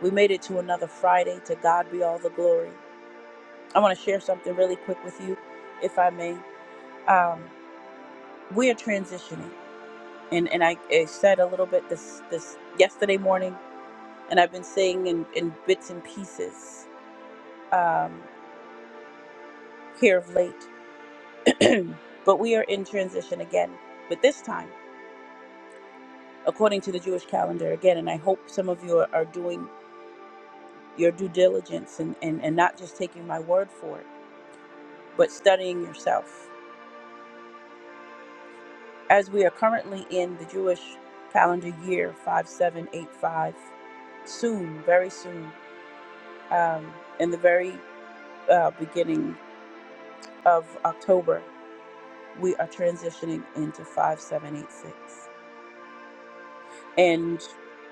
we made it to another Friday. To God be all the glory. I want to share something really quick with you, if I may. Um, we are transitioning, and and I, I said a little bit this this yesterday morning, and I've been saying in, in bits and pieces um, here of late. but we are in transition again, but this time according to the Jewish calendar again. And I hope some of you are, are doing your due diligence and, and and not just taking my word for it, but studying yourself As we are currently in the Jewish calendar year 5785, soon, very soon, um, in the very uh, beginning of October, we are transitioning into 5786. And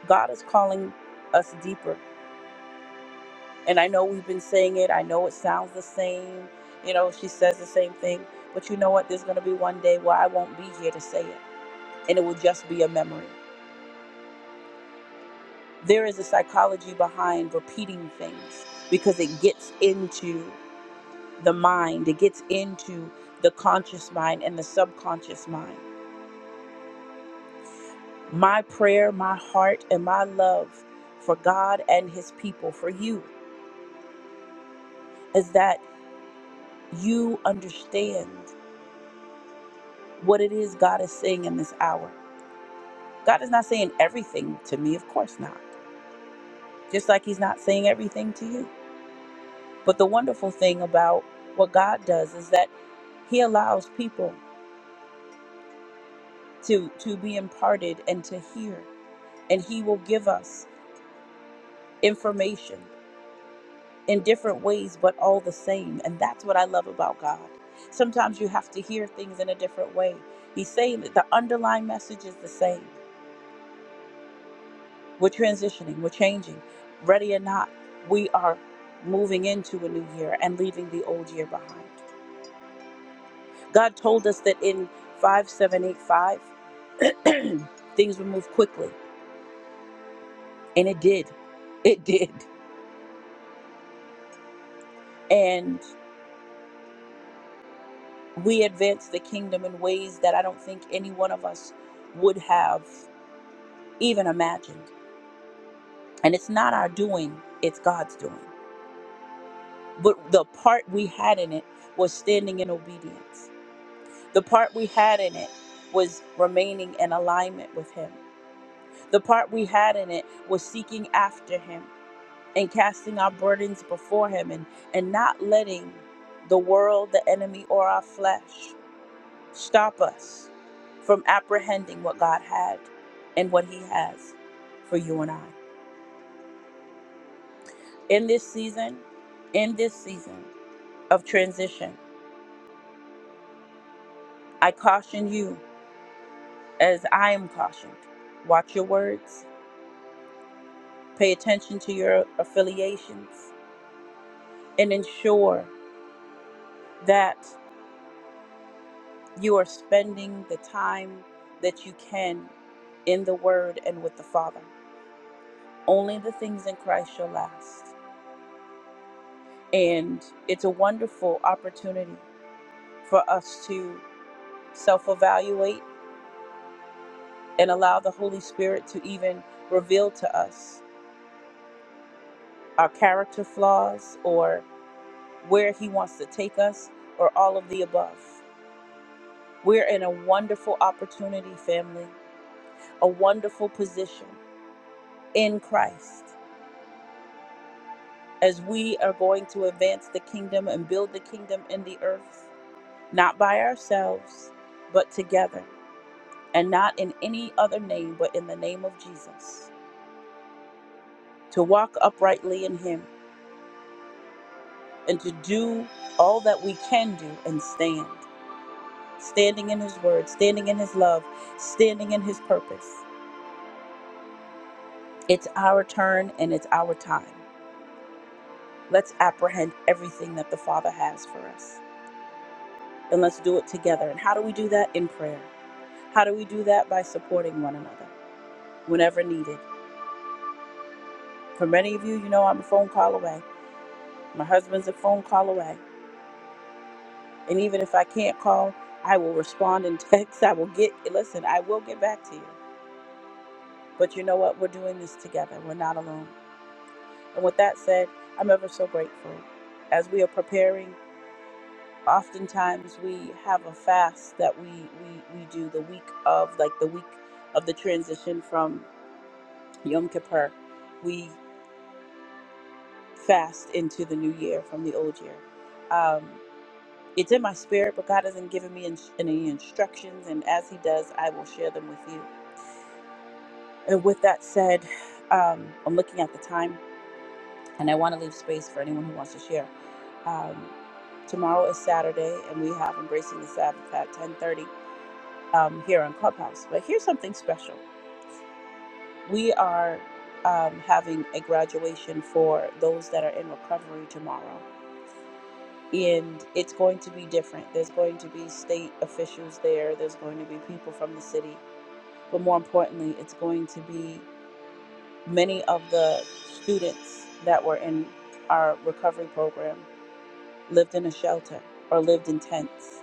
God is calling us deeper. And I know we've been saying it, I know it sounds the same. You know, she says the same thing. But you know what? There's going to be one day where I won't be here to say it, and it will just be a memory. there is a psychology behind repeating things because it gets into the mind, it gets into the conscious mind and the subconscious mind. My prayer, my heart, and my love for God and His people, for you, is that you understand what it is God is saying in this hour. God is not saying everything to me, of course not, just like He's not saying everything to you. But the wonderful thing about what God does is that He allows people to to be imparted and to hear and he will give us information in different ways but all the same and that's what i love about god sometimes you have to hear things in a different way he's saying that the underlying message is the same we're transitioning we're changing ready or not we are moving into a new year and leaving the old year behind god told us that in 5785 things would move quickly and it did it did and. we advance the kingdom in ways that I don't think any one of us would have even imagined. And it's not our doing, it's God's doing. But the part we had in it was standing in obedience. The part we had in it was remaining in alignment with Him. The part we had in it was seeking after Him and casting our burdens before Him and, and not letting the world, the enemy, or our flesh stop us from apprehending what God had and what He has for you and I. In this season, in this season of transition, I caution you as I am cautioned. Watch your words, pay attention to your affiliations, and ensure that you are spending the time that you can in the Word and with the Father. Only the things in Christ shall last. And it's a wonderful opportunity for us to self evaluate and allow the Holy Spirit to even reveal to us our character flaws or where He wants to take us or all of the above. We're in a wonderful opportunity, family, a wonderful position in Christ as we are going to advance the kingdom and build the kingdom in the earth, not by ourselves, but together, and not in any other name but in the name of Jesus, to walk uprightly in Him and to do all that we can do and stand. Standing in His Word, standing in His love, standing in His purpose. It's our turn and it's our time. Let's apprehend everything that the Father has for us and let's do it together. And how do we do that? In prayer. How do we do that? By supporting one another whenever needed. For many of you, you know I'm a phone call away. My husband's a phone call away. And even if I can't call, I will respond in text. I will get, listen, I will get back to you. But you know what? We're doing this together. We're not alone. And with that said, I'm ever so grateful. As we are preparing, oftentimes we have a fast that we, we, we do the week of, like the week of the transition from Yom Kippur. We fast into the new year from the old year. Um, it's in my spirit, but God hasn't given me in- any instructions. And as He does, I will share them with you. And with that said, um, I'm looking at the time and I want to leave space for anyone who wants to share. Um, tomorrow is Saturday, and we have Embracing the Sabbath at 10:30 um, here on Clubhouse. But here's something special: we are um, having a graduation for those that are in recovery tomorrow, and it's going to be different. There's going to be state officials there. There's going to be people from the city, but more importantly, it's going to be many of the students that were in our recovery program lived in a shelter or lived in tents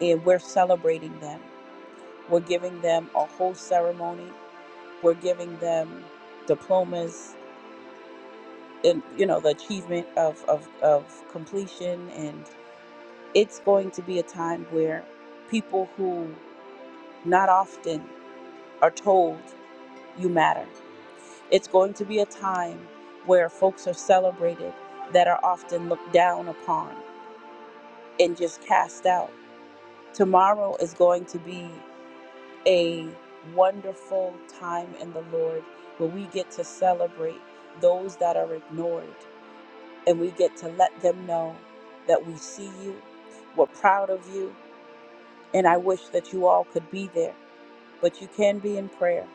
and we're celebrating them. We're giving them a whole ceremony. We're giving them diplomas and you know the achievement of, of, of completion and it's going to be a time where people who not often are told you matter. It's going to be a time where folks are celebrated that are often looked down upon and just cast out. Tomorrow is going to be a wonderful time in the Lord where we get to celebrate those that are ignored and we get to let them know that we see you, we're proud of you, and I wish that you all could be there, but you can be in prayer.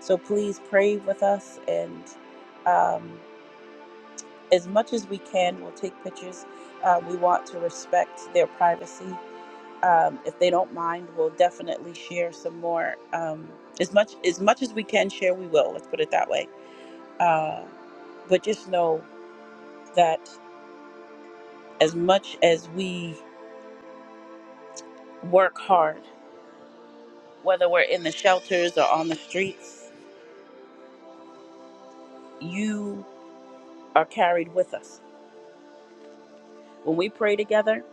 So please pray with us and um, as much as we can, we'll take pictures. Uh, we want to respect their privacy, um, if they don't mind, we'll definitely share some more. Um, as much as much as we can share, we will. Let's put it that way. Uh, but just know that as much as we work hard, whether we're in the shelters or on the streets, you are carried with us. When we pray together,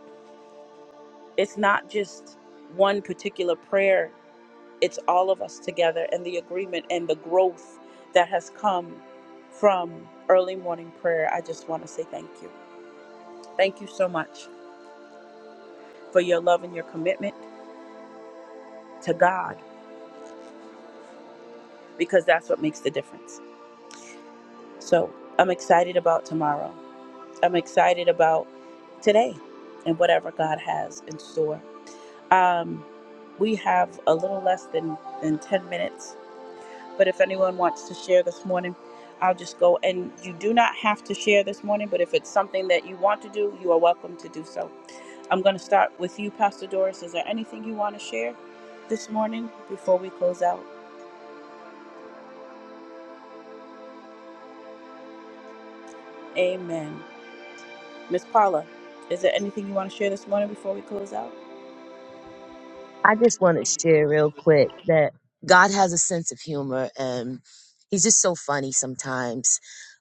it's not just one particular prayer. It's all of us together and the agreement and the growth that has come from early morning prayer. I just want to say thank you. Thank you so much for your love and your commitment to God because that's what makes the difference. So I'm excited about tomorrow. I'm excited about today and whatever God has in store. Um, we have a little less than, than 10 minutes, but if anyone wants to share this morning, I'll just go. And you do not have to share this morning, but if it's something that you want to do, you are welcome to do so. I'm going to start with you, Pastor Doris. Is there anything you want to share this morning before we close out? Amen. Miss Paula, is there anything you want to share this morning before we close out? I just want to share real quick that God has a sense of humor and he's just so funny sometimes.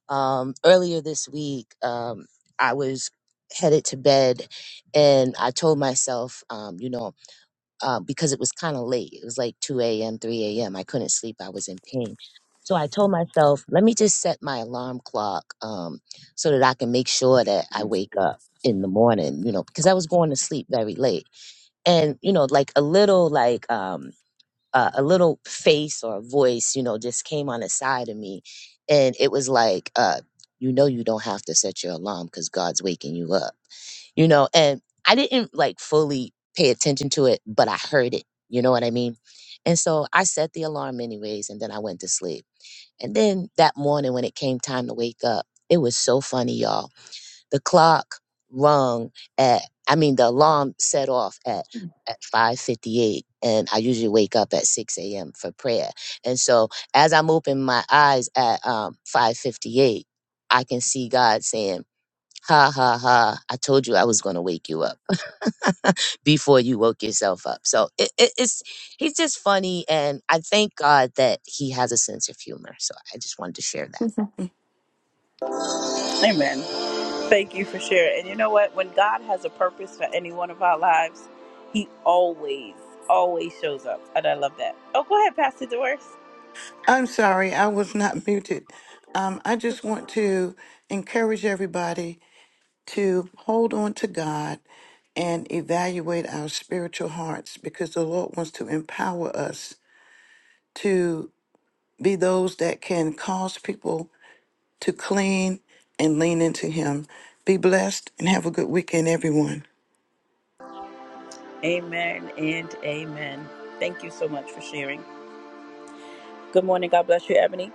Um, earlier this week, um, I was headed to bed and I told myself, um, you know, uh, because it was kind of late, it was like 2 a.m., 3 a.m., I couldn't sleep, I was in pain. So I told myself, let me just set my alarm clock um, so that I can make sure that I wake up in the morning, you know, because I was going to sleep very late and you know like a little like um uh, a little face or voice you know just came on the side of me and it was like uh you know you don't have to set your alarm because god's waking you up you know and i didn't like fully pay attention to it but i heard it you know what i mean and so i set the alarm anyways and then i went to sleep and then that morning when it came time to wake up it was so funny y'all the clock rung at, I mean, the alarm set off at, at 5.58 and I usually wake up at 6 a.m. for prayer. And so as I'm opening my eyes at um, 5.58, I can see God saying, Ha ha ha. I told you I was going to wake you up before you woke yourself up. So it, it, it's he's just funny. And I thank God that he has a sense of humor. So I just wanted to share that. Amen. Thank you for sharing. And you know what? When God has a purpose for any one of our lives, He always, always shows up. And I love that. Oh, go ahead, Pastor Doris. I'm sorry, I was not muted. Um, I just want to encourage everybody to hold on to God and evaluate our spiritual hearts because the Lord wants to empower us to be those that can cause people to clean and lean into Him. Be blessed and have a good weekend, everyone. Amen and amen. Thank you so much for sharing. Good morning. God bless you, Ebony.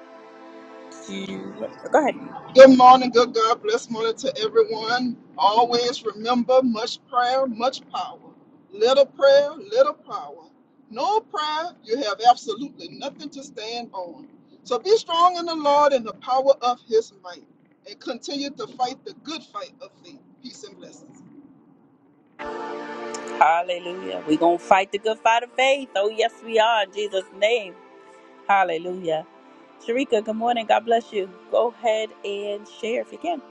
You- Go ahead. Good morning, good God bless morning to everyone. Always remember much prayer, much power. Little prayer, little power. No prayer, you have absolutely nothing to stand on. So be strong in the Lord and the power of his might. And continue to fight the good fight of faith. Peace and blessings. Hallelujah. We're going to fight the good fight of faith. Oh, yes, we are. In Jesus' name. Hallelujah. Sharika, good morning. God bless you. Go ahead and share if you can.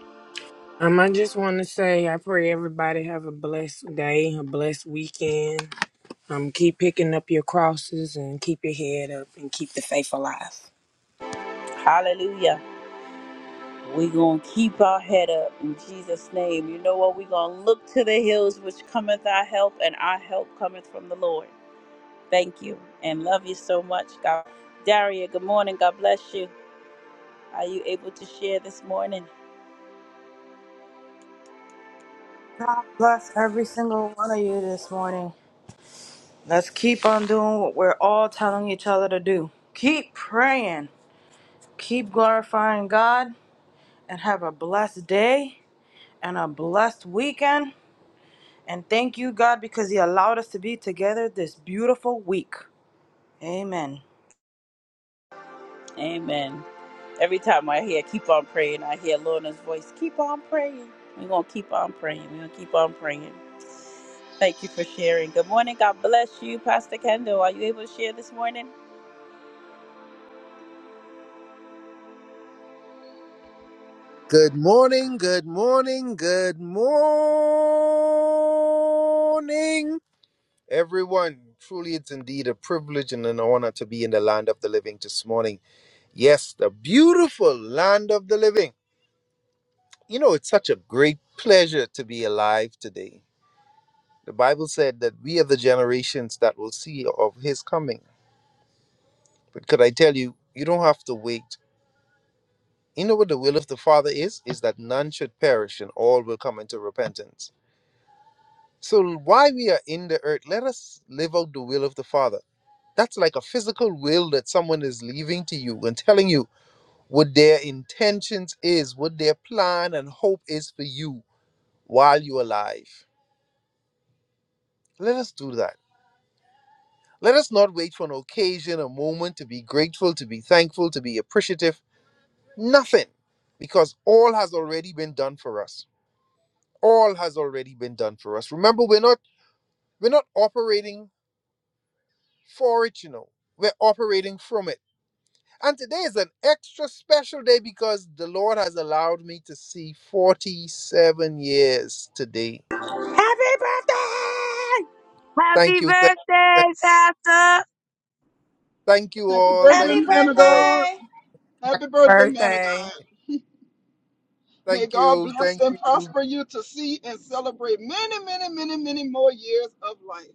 Um, I just want to say I pray everybody have a blessed day, a blessed weekend. Um, keep picking up your crosses and keep your head up and keep the faith alive. Hallelujah. We're going to keep our head up in Jesus' name. You know what? We're going to look to the hills which cometh our help, and our help cometh from the Lord. Thank you and love you so much, God. Daria, good morning. God bless you. Are you able to share this morning? God bless every single one of you this morning. Let's keep on doing what we're all telling each other to do. Keep praying, keep glorifying God, and have a blessed day and a blessed weekend. And thank you, God, because He allowed us to be together this beautiful week. Amen. Amen. Every time I hear, keep on praying, I hear Lorna's voice, keep on praying. We're going to keep on praying. We're going to keep on praying. Thank you for sharing. Good morning. God bless you, Pastor Kendall. Are you able to share this morning? Good morning, good morning, good morning. Everyone, truly it's indeed a privilege and an honor to be in the land of the living this morning. Yes, the beautiful land of the living. You know, it's such a great pleasure to be alive today. The Bible said that we are the generations that will see of his coming. But could I tell you, you don't have to wait. You know what the will of the Father is? Is that none should perish and all will come into repentance. So while we are in the earth, let us live out the will of the Father That's like a physical will that someone is leaving to you and telling you what their intentions is, what their plan and hope is for you while you're alive. Let us do that. Let us not wait for an occasion, a moment to be grateful, to be thankful, to be appreciative. Nothing. Because all has already been done for us. All has already been done for us. Remember, we're not we're not operating for it, you know. We're operating from it. And today is an extra special day because the Lord has allowed me to see 47 years today. Thank Happy you. Thank, birthday, thank, Pastor! thank you Happy all. birthday, Happy Thank you man of all. God. birthday! Happy birthday, man of Birthday. God. May Thank God you. bless Thank and you. prosper you to see and celebrate many, many, many, many more years of life.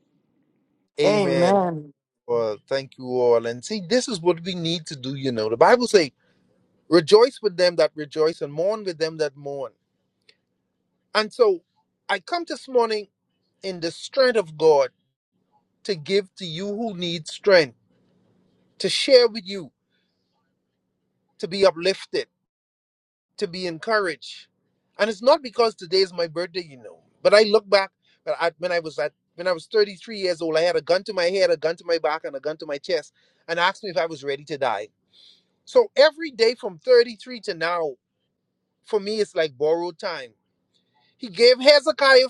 Amen. Amen. Well, thank you all. And see, this is what we need to do, you know. The Bible says, rejoice with them that rejoice and mourn with them that mourn. And so I come this morning in the strength of God to give to you who need strength, to share with you, to be uplifted to be encouraged. And it's not because today is my birthday, you know. But I look back when I, when I was at when I was 33 years old, I had a gun to my head, a gun to my back, and a gun to my chest, and asked me if I was ready to die. So every day from 33 to now, for me, it's like borrowed time. He gave Hezekiah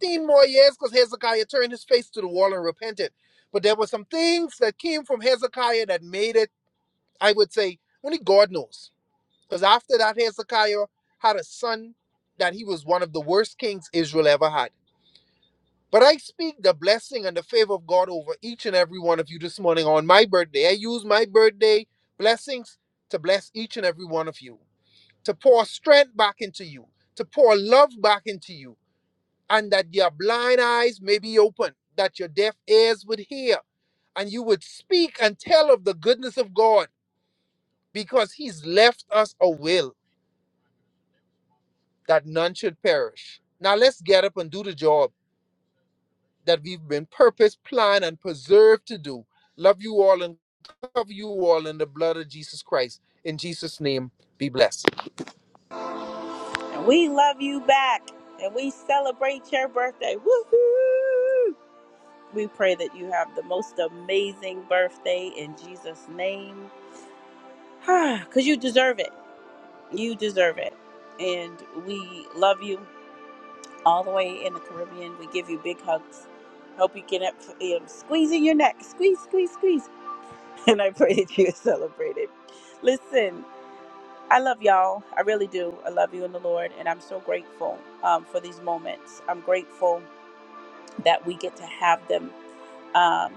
15 more years because Hezekiah turned his face to the wall and repented. But there were some things that came from Hezekiah that made it, I would say, only God knows Because after that, Hezekiah had a son that he was one of the worst kings Israel ever had. But I speak the blessing and the favor of God over each and every one of you this morning on my birthday. I use my birthday blessings to bless each and every one of you, to pour strength back into you, to pour love back into you, and that your blind eyes may be open, that your deaf ears would hear, and you would speak and tell of the goodness of God because He's left us a will. that none should perish. Now let's get up and do the job that we've been purposed, planned, and preserved to do. Love you all and cover you all in the blood of Jesus Christ. In Jesus' name, be blessed. And we love you back and we celebrate your birthday. Woohoo! We pray that you have the most amazing birthday in Jesus' name. Because you deserve it. You deserve it. And we love you all the way in the Caribbean. We give you big hugs. Hope you get up, um, squeezing your neck. Squeeze, squeeze, squeeze. And I pray that you celebrate it. Listen, I love y'all. I really do. I love you in the Lord, and I'm so grateful um, for these moments. I'm grateful that we get to have them. Um,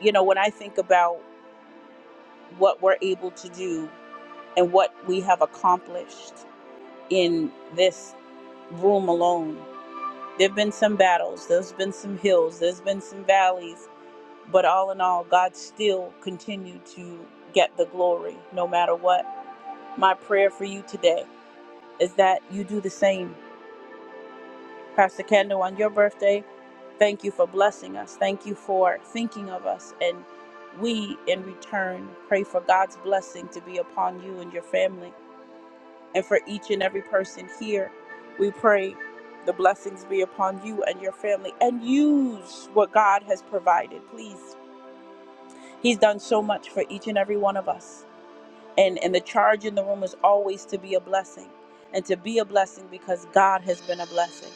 you know, when I think about what we're able to do and what we have accomplished in this room alone, there have been some battles, there's been some hills, there's been some valleys, but all in all, God still continued to get the glory no matter what. My prayer for you today is that you do the same Pastor Kendall, on your birthday. Thank you for blessing us. Thank you for thinking of us. And we, in return, pray for God's blessing to be upon you and your family and for each and every person here. We pray the blessings be upon you and your family and use what God has provided, please. He's done so much for each and every one of us. And, and the charge in the room is always to be a blessing and to be a blessing because God has been a blessing.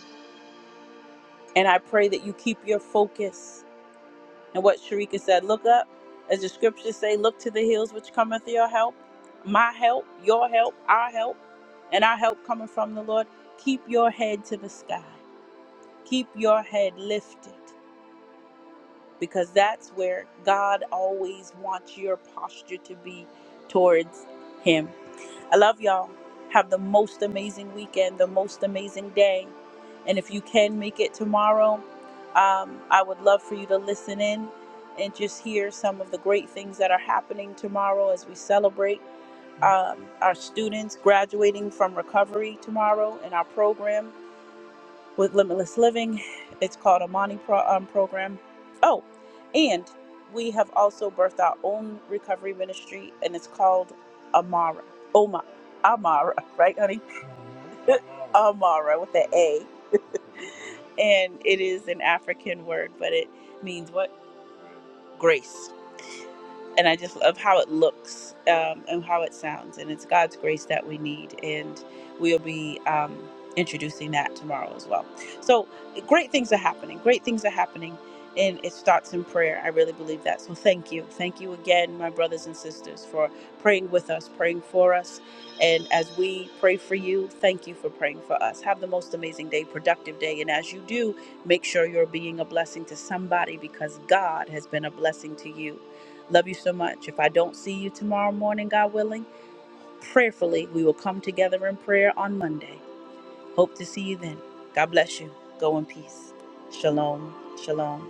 And I pray that you keep your focus. And what Sharika said, look up, as the scriptures say, look to the hills which cometh your help, my help, your help, our help, and our help coming from the Lord. Keep your head to the sky. Keep your head lifted because that's where God always wants your posture to be towards Him. I love y'all. Have the most amazing weekend, the most amazing day. And if you can make it tomorrow, um, I would love for you to listen in and just hear some of the great things that are happening tomorrow as we celebrate um, our students graduating from recovery tomorrow in our program with Limitless Living. It's called Amani Pro- um, Program. Oh, and we have also birthed our own recovery ministry, and it's called Amara. Oma, Amara, right, honey? Amara with the A. And it is an African word, but it means what? Grace and I just love how it looks um, and how it sounds. And it's God's grace that we need, and we'll be um, introducing that tomorrow as well. So great things are happening. Great things are happening, and it starts in prayer. I really believe that. So thank you, thank you again, my brothers and sisters, for praying with us, praying for us, and as we pray for you, thank you for praying for us. Have the most amazing day, productive day, and as you do, make sure you're being a blessing to somebody because God has been a blessing to you Love you so much. If I don't see you tomorrow morning, God willing, prayerfully, we will come together in prayer on Monday. Hope to see you then. God bless you. Go in peace. Shalom. Shalom.